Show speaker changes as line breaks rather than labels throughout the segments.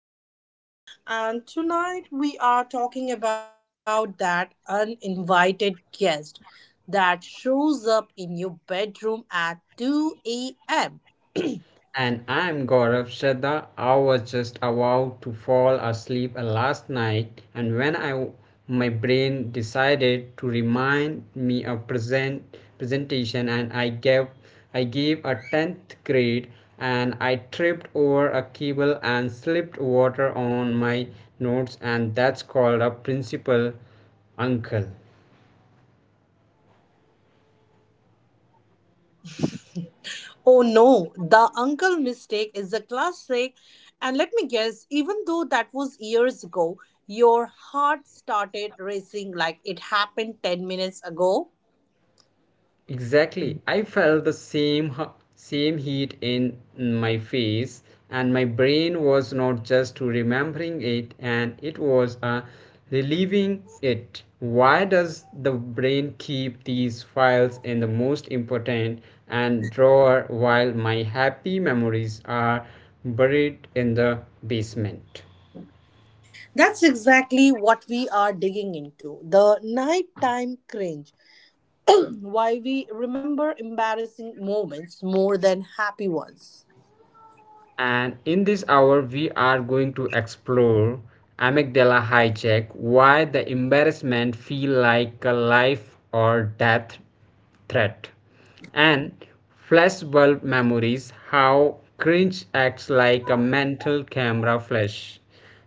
your host, Shraddha, and tonight we are talking about that uninvited guest that shows up in your bedroom at 2 a.m.
And I'm Gaurav Shraddha. I was just about to fall asleep last night, and when I my brain decided to remind me of presentation, and I gave a 10th grade, and I tripped over a cable and slipped water on my notes, and that's called a principal uncle.
Oh no, the uncle mistake is a classic, and let me guess, even though that was years ago, your heart started racing like it happened 10 minutes ago.
Exactly. I felt the same heat in my face, and my brain was not just remembering it, and it was relieving it. Why does the brain keep these files in the most important and drawer while my happy memories are buried in the basement?
That's exactly what we are digging into the nighttime cringe, why we remember embarrassing moments more than happy ones.
And in this hour, we are going to explore amygdala hijack, why the embarrassment feel like a life or death threat, and flashbulb memories, how cringe acts like a mental camera flash,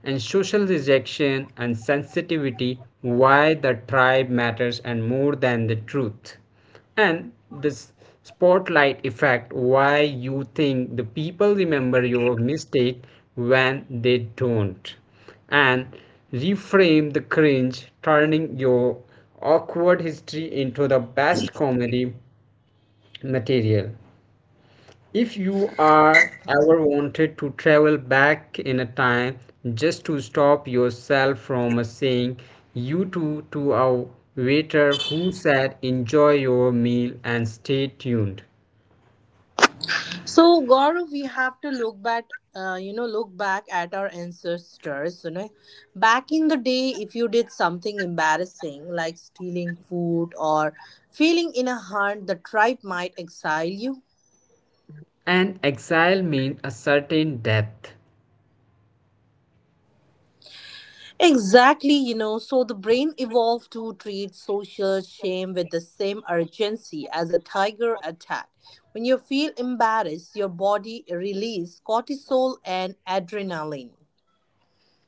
and social rejection and sensitivity, why the tribe matters and more than the truth, and this spotlight effect, why you think the people remember your mistake when they don't, and reframe the cringe, turning your awkward history into the best comedy material if you are ever wanted to travel back in a time just to stop yourself from saying you to a waiter who said enjoy your meal, and stay tuned.
So, Gaurav, we have to look back, look back at our ancestors. Back in the day, if you did something embarrassing like stealing food or feeling in a hunt, the tribe might exile you.
And exile means a certain death.
Exactly, so the brain evolved to treat social shame with the same urgency as a tiger attack. When you feel embarrassed, your body releases cortisol and adrenaline.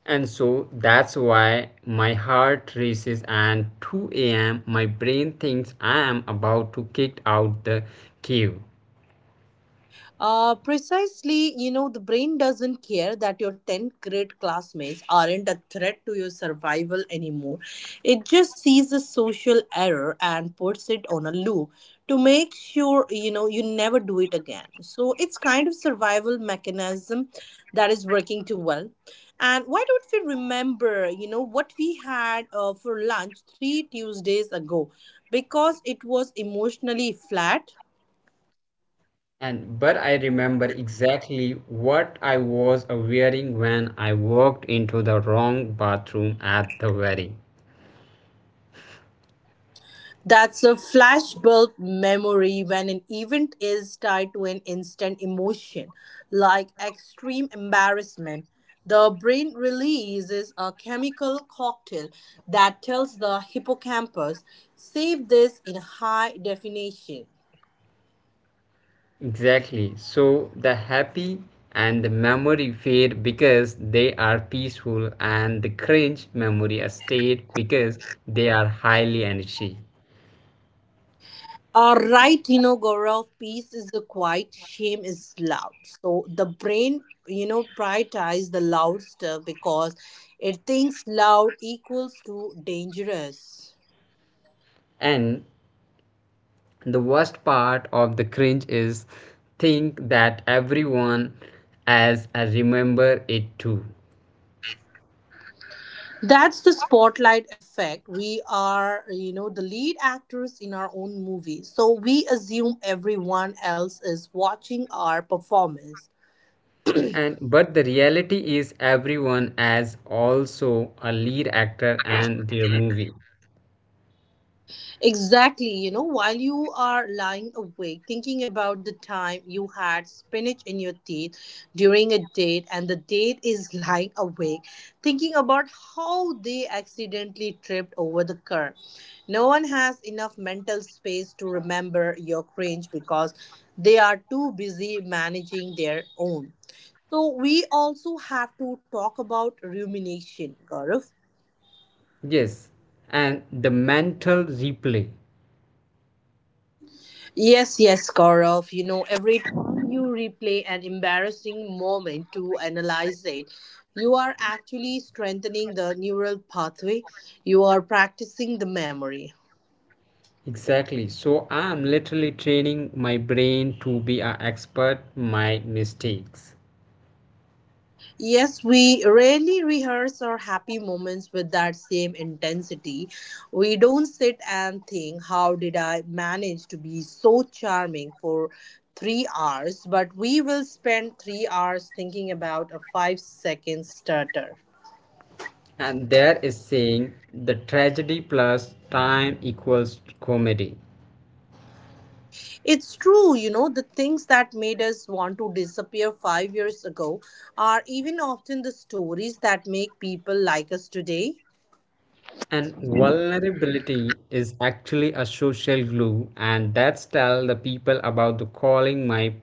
And so that's why my heart races and 2 a.m. my brain thinks I am about to kick out the cave.
Precisely, the brain doesn't care that your 10th grade classmates aren't a threat to your survival anymore. It just sees a social error and puts it on a loop to make sure, you never do it again. So it's kind of survival mechanism that is working too well. And why don't we remember, what we had for lunch three Tuesdays ago? Because it was emotionally flat.
And but I remember exactly what I was wearing when I walked into the wrong bathroom at the wedding.
That's a flashbulb memory when an event is tied to an instant emotion, like extreme embarrassment. The brain releases a chemical cocktail that tells the hippocampus, save this in high definition.
Exactly. So the happy and the memory fade because they are peaceful, and the cringe memory stayed because they are highly energy.
All right, Gaurav, peace is the quiet, shame is loud. So the brain, prioritize the loud stuff because it thinks loud equals to dangerous.
And the worst part of the cringe is think that everyone as I remember it too.
That's the spotlight effect. We are, the lead actors in our own movie, so we assume everyone else is watching our performance.
And but the reality is everyone as also a lead actor and their movie.
Exactly. While you are lying awake thinking about the time you had spinach in your teeth during a date, and the date is lying awake thinking about how they accidentally tripped over the curb. No one has enough mental space to remember your cringe because they are too busy managing their own. So, we also have to talk about rumination, Gaurav.
Yes. And the mental replay.
Yes, yes, Gaurav. Every time you replay an embarrassing moment to analyze it, you are actually strengthening the neural pathway. You are practicing the memory.
Exactly. So I am literally training my brain to be an expert my mistakes.
Yes, we rarely rehearse our happy moments with that same intensity. We don't sit and think, how did I manage to be so charming for 3 hours? But we will spend 3 hours thinking about a 5 second stutter.
And there is saying the tragedy plus time equals comedy.
It's true, the things that made us want to disappear 5 years ago are even often the stories that make people like us today.
And vulnerability is actually a social glue, and that's tell the people about the calling my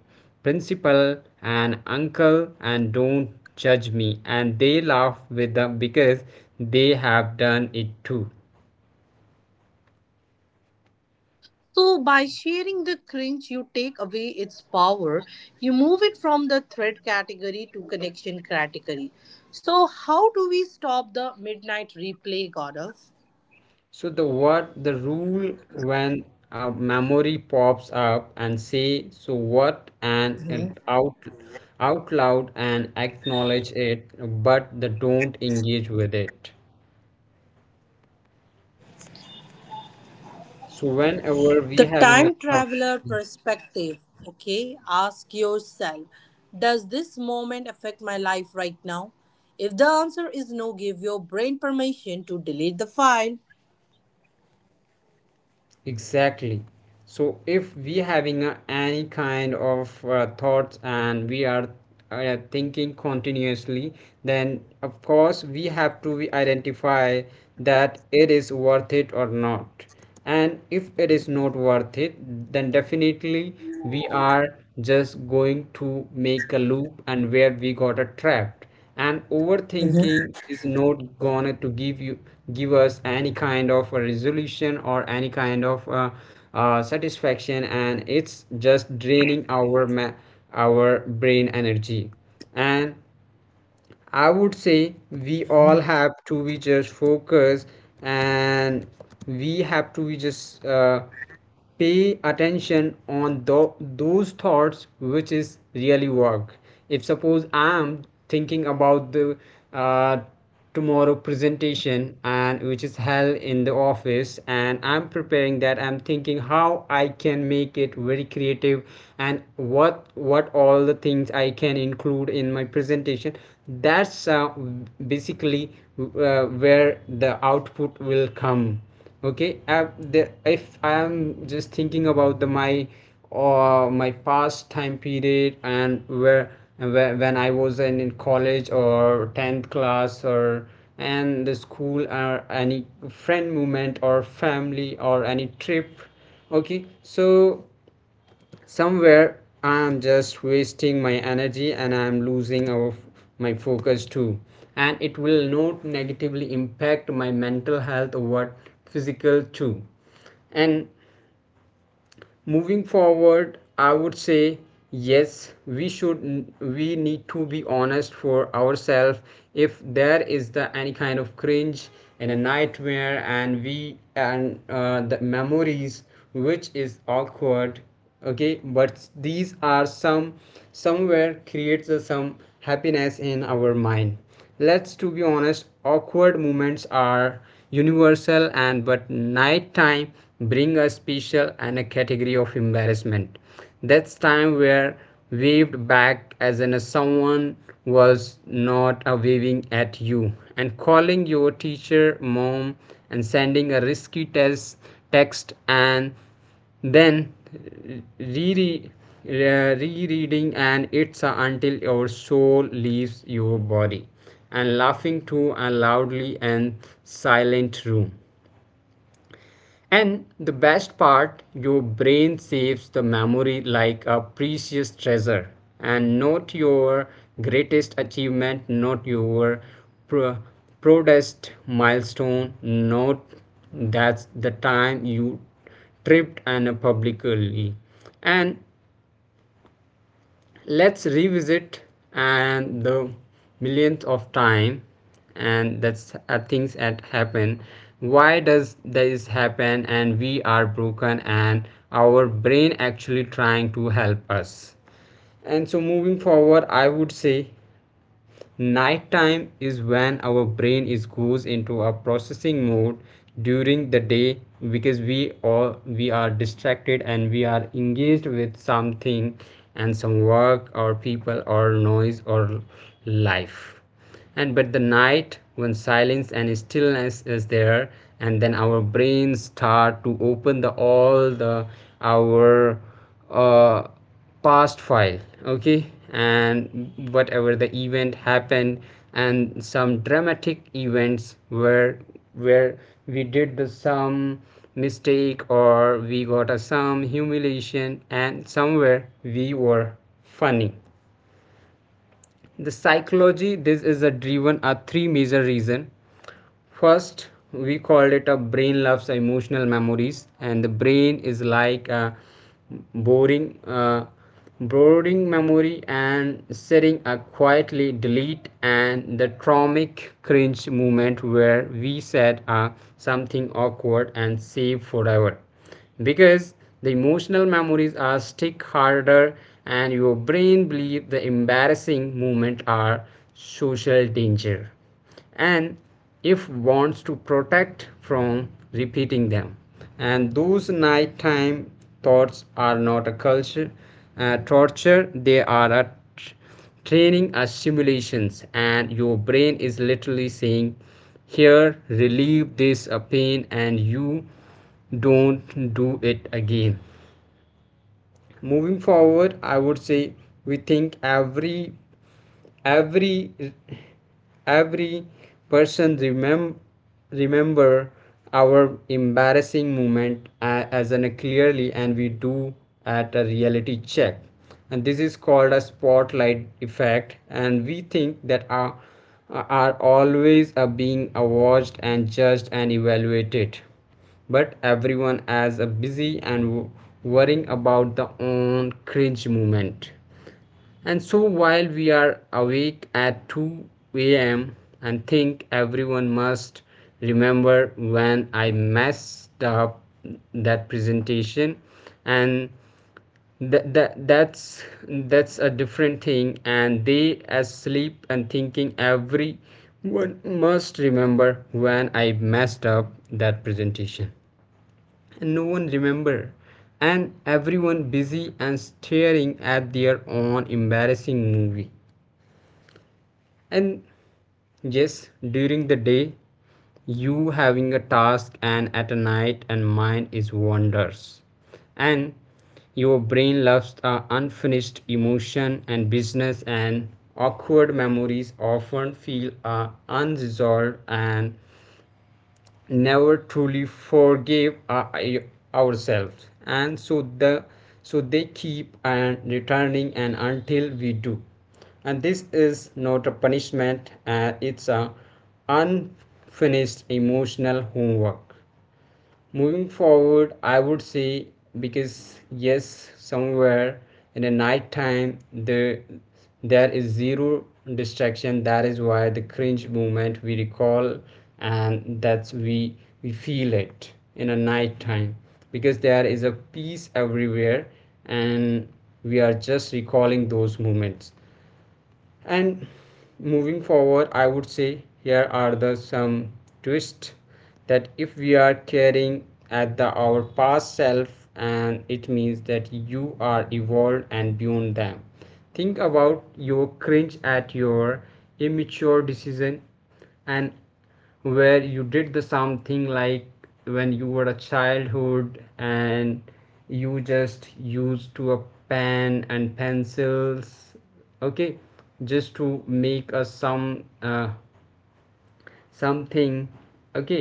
principal and uncle and don't judge me. And they laugh with them because they have done it too.
So, by sharing the cringe, you take away its power. You move it from the threat category to connection category. So, how do we stop the midnight replay, Gaurav?
So the what the rule when a memory pops up and say so what, and out loud and acknowledge it, but the don't engage with it. So whenever we
The
having a
time
thought,
traveler perspective. Okay, ask yourself, does this moment affect my life right now? If the answer is no, give your brain permission to delete the file.
exactly. So if we having a, any kind of thoughts, and we are thinking continuously, then of course we have to we identify that it is worth it or not. And if it is not worth it, then definitely we are just going to make a loop and where we got a trapped. And overthinking
Mhm.
is not gonna to give us any kind of a resolution or any kind of satisfaction, and it's just draining our brain energy. And I would say we all have to be just focused, and we have to be just pay attention on those thoughts which is really work. If suppose I'm thinking about the uh, tomorrow presentation, and which is held in the office, and I'm preparing that, I'm thinking how I can make it very creative, and what all the things I can include in my presentation. That's basically where the output will come. Okay. If I'm just thinking about the my or my past time period, and where and when I was in college or 10th class or and the school or any friend movement or family or any trip, okay, so somewhere I'm just wasting my energy, and I'm losing my focus too, and it will not negatively impact my mental health or what physical too. And moving forward I would say, yes, we need to be honest for ourselves. If there is the any kind of cringe and a nightmare, and we and the memories which is awkward, okay, but these are some somewhere creates some happiness in our mind. Let's to be honest, awkward moments are universal, and but night time bring a special and a category of embarrassment. That's time where waved back as in a someone was not a waving at you, and calling your teacher mom, and sending a risky test text, and then re re rereading an itza until your soul leaves your body, and laughing too and loudly and silent room. And the best part, your brain saves the memory like a precious treasure. And not your greatest achievement, not your pro- proudest milestone, not that's the time you tripped and publicly. And let's revisit and the millionth of time, and that's things that happen, why does this happen, and we are broken, and our brain actually trying to help us. And so moving forward I would say, nighttime is when our brain is goes into a processing mode during the day because we are distracted, and we are engaged with something, and some work or people or noise or life. And but the night, when silence and stillness is there, and then our brains start to open the all the our uh, past file, okay, and whatever the event happened, and some dramatic events where we did the some mistake or we got a some humiliation and somewhere we were funny. The psychology this is a driven are three major reason. First, we called it a brain loves emotional memories, and the brain is like a boring uh, boring memory and setting a quietly delete, and the traumatic cringe moment where we said something awkward and save forever because the emotional memories are stick harder, and your brain believes the embarrassing moments are social danger, and if wants to protect from repeating them. And those nighttime thoughts are not a culture torture, they are much training as simulations, and your brain is literally saying, here relieve this pain, and you don't do it again. Moving forward I would say, we think every every person remember our embarrassing moment as an clearly, and we do at a reality check. And this is called a spotlight effect, and we think that our are always are being watched and judged and evaluated, but everyone as a busy and worrying about the own cringe moment. And so while we are awake at 2 a.m. and think everyone must remember when I messed up that presentation, and that, that that's that's a different thing, and they as sleep and thinking, everyone must remember when I messed up that presentation, and no one remember, and everyone busy and staring at their own embarrassing movie. And yes, during the day you having a task, and at a night and mind is wanders, and your brain loves unfinished emotion and business, and awkward memories often feel unresolved, and never truly forgive ourselves, and so they keep and returning and until we do. And this is not a punishment, it's a unfinished emotional homework. Moving forward, I would say, because yes, somewhere in the night time there is zero distraction. That is why the cringe moment we recall, and that's we feel it in a night time because there is a peace everywhere, and we are just recalling those moments. And moving forward I would say, here are the some twists, that if we are caring at the our past self, and it means that you are evolved and beyond them. Think about your cringe at your immature decision, and where you did the something like when you were a childhood, and you just used to a pen and pencils, okay, just to make a some something, okay,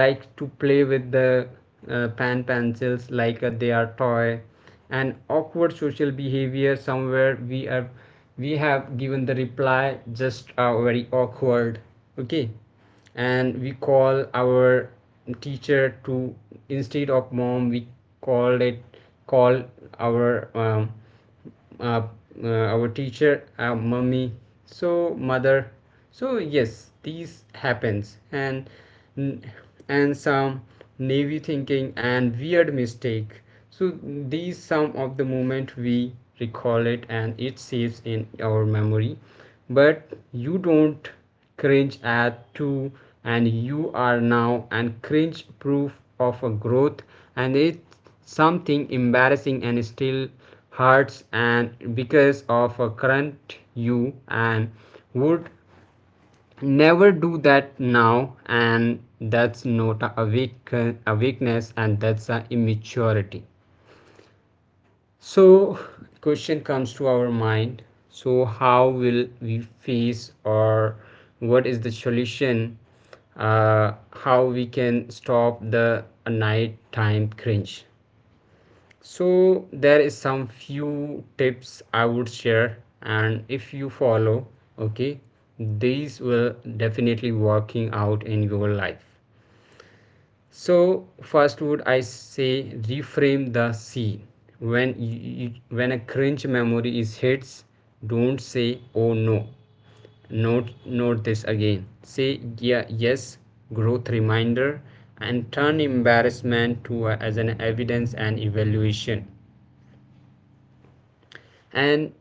like to play with the pan pencils, like they are toy. And awkward social behavior, somewhere we have given the reply just very awkward, okay, and we call our teacher to instead of mom, we called it call our um, uh, our teacher our mummy, so mother. So yes, these happens, and some naive thinking and weird mistake. So these some of the moment we recall it, and it saves in our memory. But you don't cringe at too, and you are now and cringe proof of a growth. And it's something embarrassing and still hurts, and because of a current you, and would never do that now, and that's not a weakness, and that's a immaturity. So, question comes to our mind. So, how will we face, or what is the solution? How we can stop the nighttime cringe? So, there is some few tips I would share, and if you follow, okay, these will definitely working out in your life. So first would I say reframe the scene. When when a cringe memory is hits, don't say oh no. Note this again. Say yeah, yes, growth reminder, and turn embarrassment as an evidence and evaluation and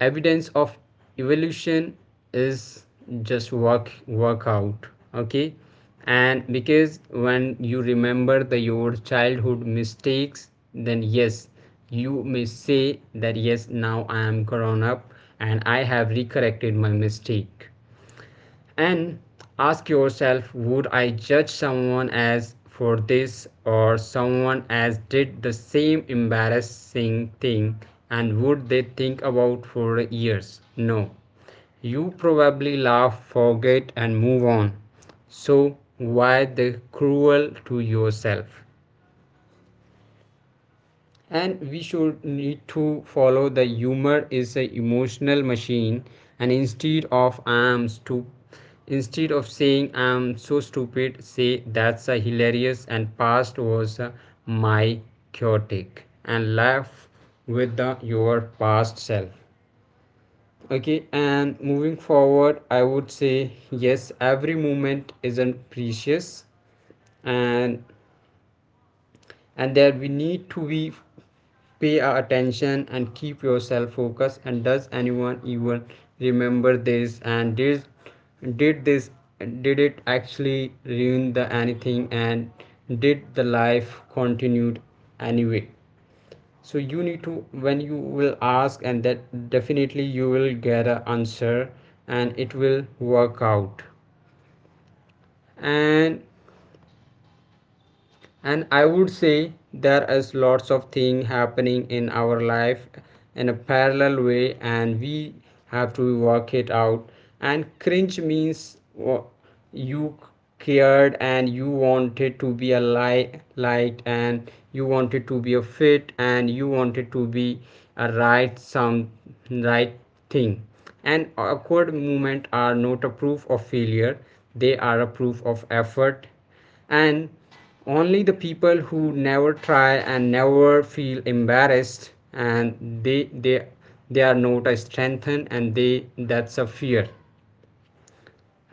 evidence of evolution is just work out, okay. And because when you remember the your childhood mistakes, then yes, you may say that yes, now I am grown up and I have recorrected my mistake. And ask yourself, would I judge someone as for this, or someone as did the same embarrassing thing, and would they think about for years? No, you probably laugh, forget, and move on. So why the cruel to yourself? And we should need to follow the humor is a emotional machine. And instead of saying I'm so stupid, say that's a hilarious and past was my chaotic, and laugh with your past self. Okay, and moving forward, I would say yes, every moment isn't precious. And And there we need to be, pay our attention and keep yourself focused. And does anyone even remember this? And did did this did it actually ruin the anything, and did the life continued anyway? So you need to, when you will ask, and that definitely you will get an answer, and it will work out. And and I would say there is lots of thing happening in our life in a parallel way, and we have to work it out. And cringe means you cared, and you wanted to be a light, and you wanted to be a fit, and you wanted to be a right, some right thing. And awkward movement are not a proof of failure. They are a proof of effort. And only the people who never try and never feel embarrassed, and they they are not a strengthened, and they, that's a fear.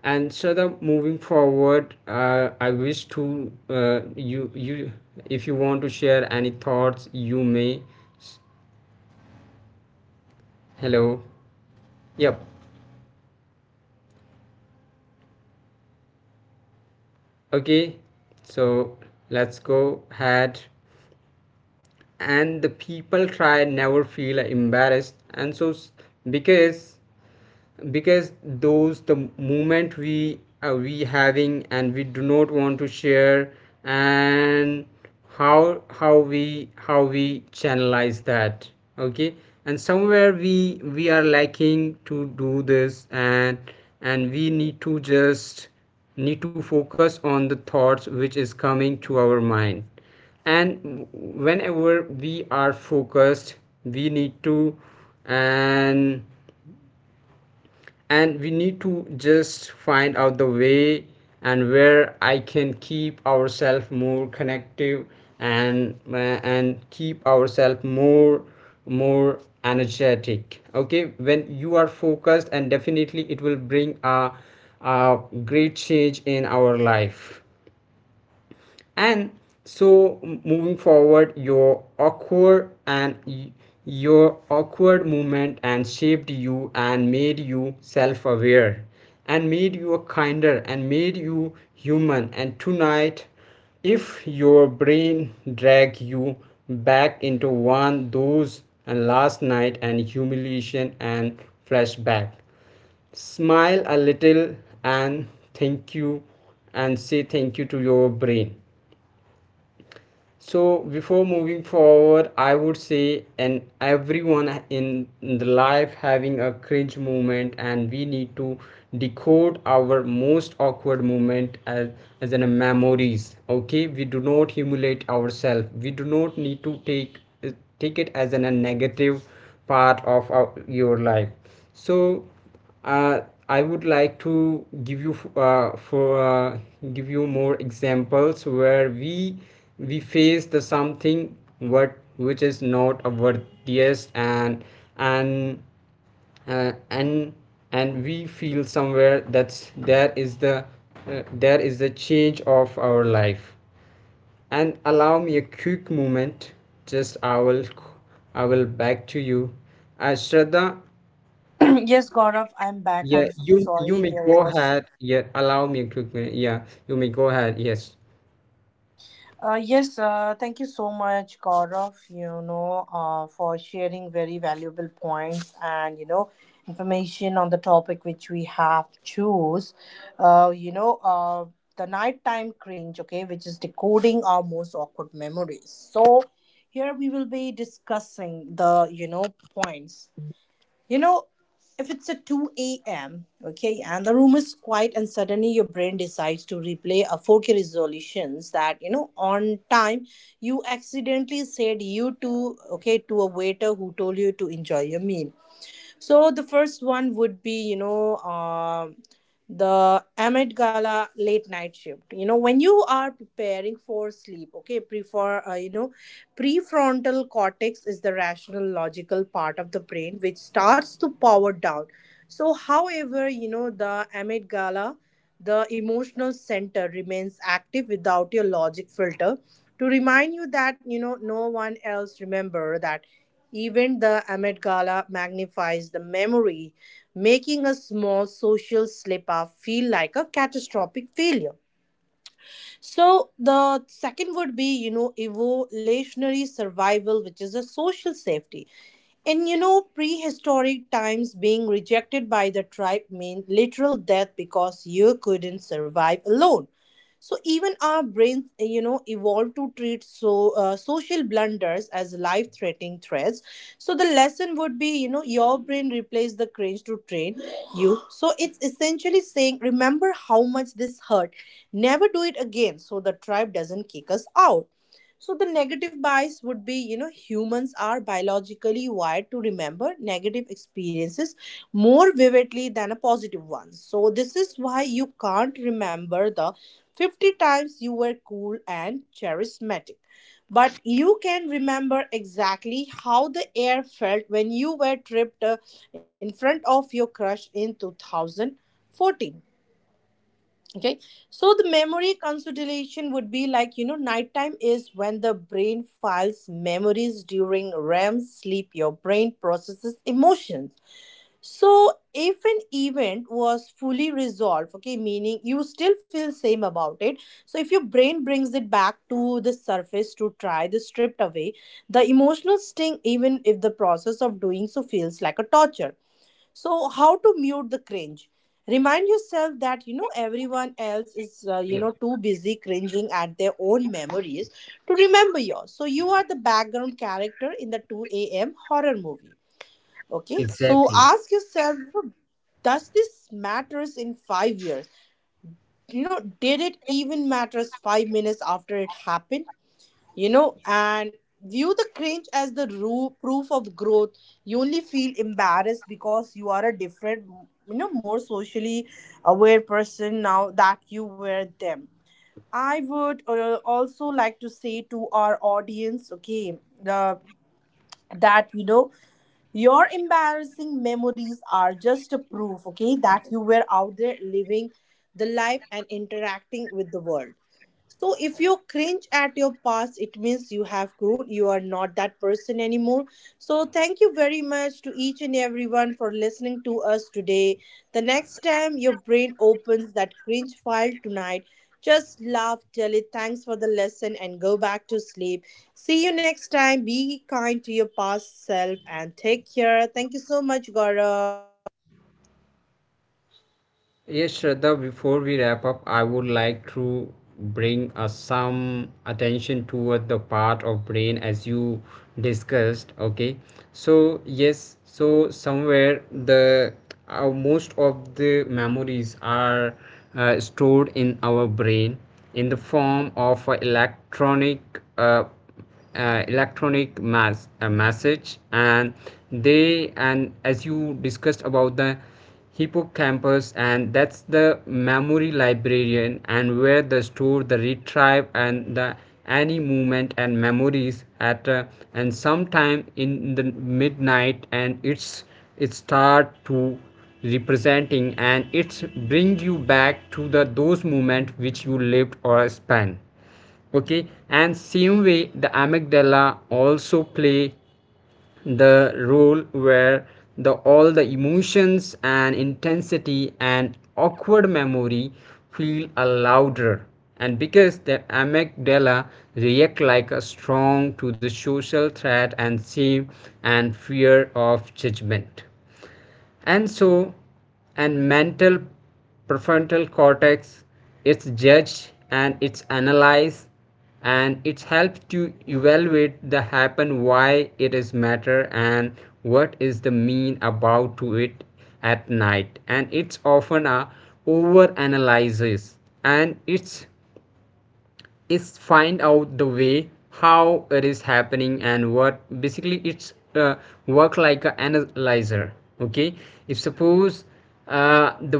And so the moving forward, I wish to you you if you want to share any thoughts, you may. Hello. Yep. Okay, so let's go ahead. And the people try never feel embarrassed. And so because because those the moment we are, we having, and we do not want to share. And how we channelize that? Okay. And somewhere we are lacking to do this, and we need to just need to focus on the thoughts which is coming to our mind. And whenever we are focused, we need to, and and we need to just find out the way. And where I can keep ourselves more connective, and uh, and keep ourselves more energetic. Okay, when you are focused, and definitely it will bring a great change in our life. And so moving forward, your awkward and your awkward movement and shaped you and made you self-aware and made you kinder and made you human. And tonight, if your brain drag you back into one those and last night and humiliation and flashback, smile a little, and thank you, and say thank you to your brain. So before moving forward, I would say, and everyone in the life having a cringe moment, and we need to decode our most awkward moment as in a memories. Okay, we do not humiliate ourselves. We do not need to take it as an, a negative part of our, your life. So uh, I would like to give you more examples where we face the something what which is not a worthiest, and uh, and and we feel somewhere that's, there is the, there is the change of our life. And allow me a quick moment, just I will back to you as Shraddha.
Yes, Gaurav,
Yeah,
I'm back.
you
I'm so
you may go
sorry. There
ahead.
was.
Yeah, allow me a quick minute. Yeah, you may go ahead. Yes.
Yes, thank you so much, Gaurav, for sharing very valuable points and, information on the topic which we have choose. Uh, you know, uh, the nighttime cringe, okay, which is decoding our most awkward memories. So here we will be discussing the, points. You know, if it's at 2 a.m., okay, and the room is quiet, and suddenly your brain decides to replay a 4K resolutions that, on time you accidentally said you to, okay, to a waiter who told you to enjoy your meal. So the first one would be, the Amit Gala late night shift. You know when you are preparing for sleep, okay, prefrontal cortex is the rational logical part of the brain which starts to power down. So, however, the Amit Gala, the emotional center remains active without your logic filter to remind you that you know no one else remember that, even the Met Gala magnifies the memory, making a small social slip up feel like a catastrophic failure. So the second would be, evolutionary survival, which is a social safety. In you know prehistoric times, being rejected by the tribe meant literal death because you couldn't survive alone. So even our brains you know evolved to treat social blunders as life threatening threats. So the lesson would be, you know, your brain replaced the cringe to train you, so it's essentially saying remember how much this hurt, never do it again so the tribe doesn't kick us out. So the negative bias would be, humans are biologically wired to remember negative experiences more vividly than a positive ones. So this is why you can't remember the 50 times you were cool and charismatic. But you can remember exactly how the air felt when you were tripped in front of your crush in 2014. Okay, so the memory consolidation would be like, you know, nighttime is when the brain files memories. During REM sleep your brain processes emotions, so if an event was fully resolved, okay, meaning you still feel same about it, so if your brain brings it back to the surface to try the stripped away the emotional sting, even if the process of doing so feels like a torture. So how to mute the cringe? Remind yourself that, you know, everyone else is you
Yeah,
know too busy cringing at their own memories to remember yours, so you are the background character in the 2 a.m. horror movie. Okay, so
exactly.
ask yourself, you know, does this matters in 5 years? You know, did it even matters 5 minutes after it happened? You know, and view the cringe as the proof of growth. You only feel embarrassed because you are a different, you know, more socially aware person now that you were them. I would also like to say to our audience, okay, the that you know your embarrassing memories are just a proof, okay, that you were out there living the life and interacting with the world. So if you cringe at your past, it means you have grown, you are not that person anymore. So thank you very much to each and everyone for listening to us today. The next time your brain opens that cringe file tonight, just laugh, tell it thanks for the lesson and go back to sleep. See you next time. Be kind to your past self and take care. Thank you so much, Gaurav.
Yes, Shraddha, before we wrap up, I would like to bring some attention toward the part of brain as you discussed. Okay. So, yes, so somewhere the, most of the memories are stored in our brain in the form of uh, electronic mass message. And they, and as you discussed about the hippocampus, and that's the memory librarian, and where they store the retrieve and the any movement and memories at and sometime in the midnight, and it's, it start to representing, and it's bring you back to the those moment which you lived or spent. Okay, and same way the amygdala also play the role, where the all the emotions and intensity and awkward memory feel a louder, and because the amygdala react like a strong to the social threat and shame and fear of judgment. And so, and mental prefrontal cortex, it's judged and it's analyzed and it's helped to evaluate the happen, why it is matter and what is the mean about to it. At night, and it's often a over analyzes, and it's is find out the way how it is happening and what basically it's work like an analyzer. Okay. If suppose, the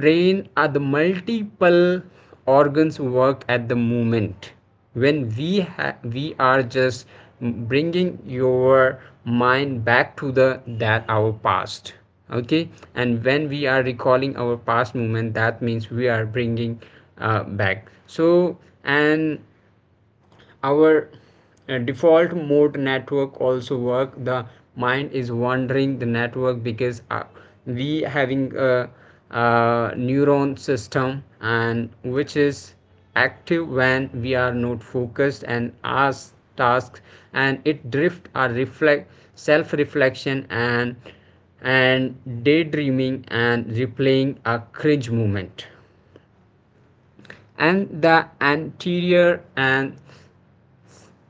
brain are the multiple organs work at the moment, when we are just bringing your mind back to the that our past. Okay, and when we are recalling our past movement, that means we are bringing back. So, and our default mode network also work, the mind is wandering the network, because we having a neuron system, and which is active when we are not focused and ask tasks. And it drift our reflect self reflection and daydreaming and replaying a cringe moment. And the anterior and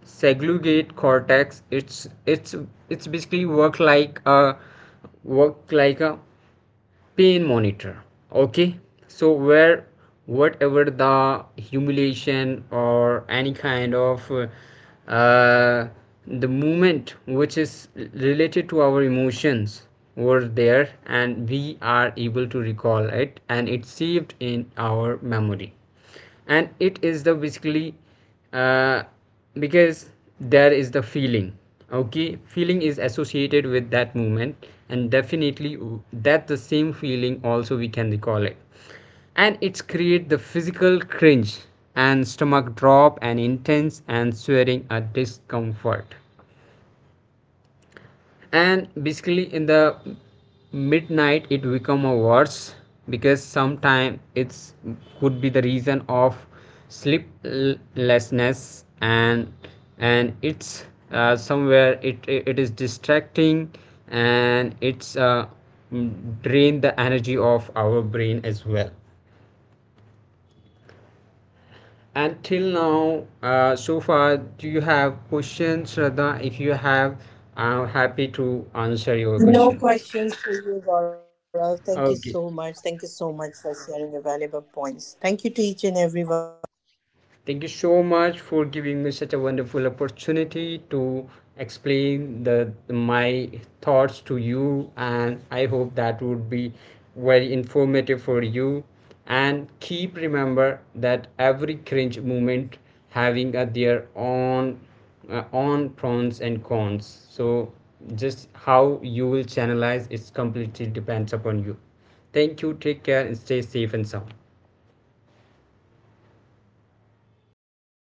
segregate cortex, it's basically work like a pain monitor. Okay, so where, whatever the humiliation or any kind of uh, the movement which is related to our emotions, were there, and we are able to recall it, and it's saved in our memory. And it is the basically, uh, because there is the feeling, okay, feeling is associated with that movement, and definitely that the same feeling also we can recall it, and it's create the physical cringe and stomach drop and intense and sweating a discomfort. And basically in the midnight it become a worse, because sometime it's, could be the reason of sleeplessness. And it's somewhere it is distracting, and it's drain the energy of our brain as well. And till now, so far, do you have questions, Shraddha? If you have, I'm happy to answer your
No
question.
questions for you, Gaurav. Thank you so much.
Okay.
Thank you so much for sharing your valuable points. Thank you to each and everyone. Thank you, Gaurav.
Thank you so much for giving me such a wonderful opportunity to explain the my thoughts to you, and I hope that would be very informative for you. And keep remember that every cringe moment having a their own, own pros and cons. So just how you will channelize, it's completely depends upon you. Thank you, take care, and stay safe and sound.
Thank you.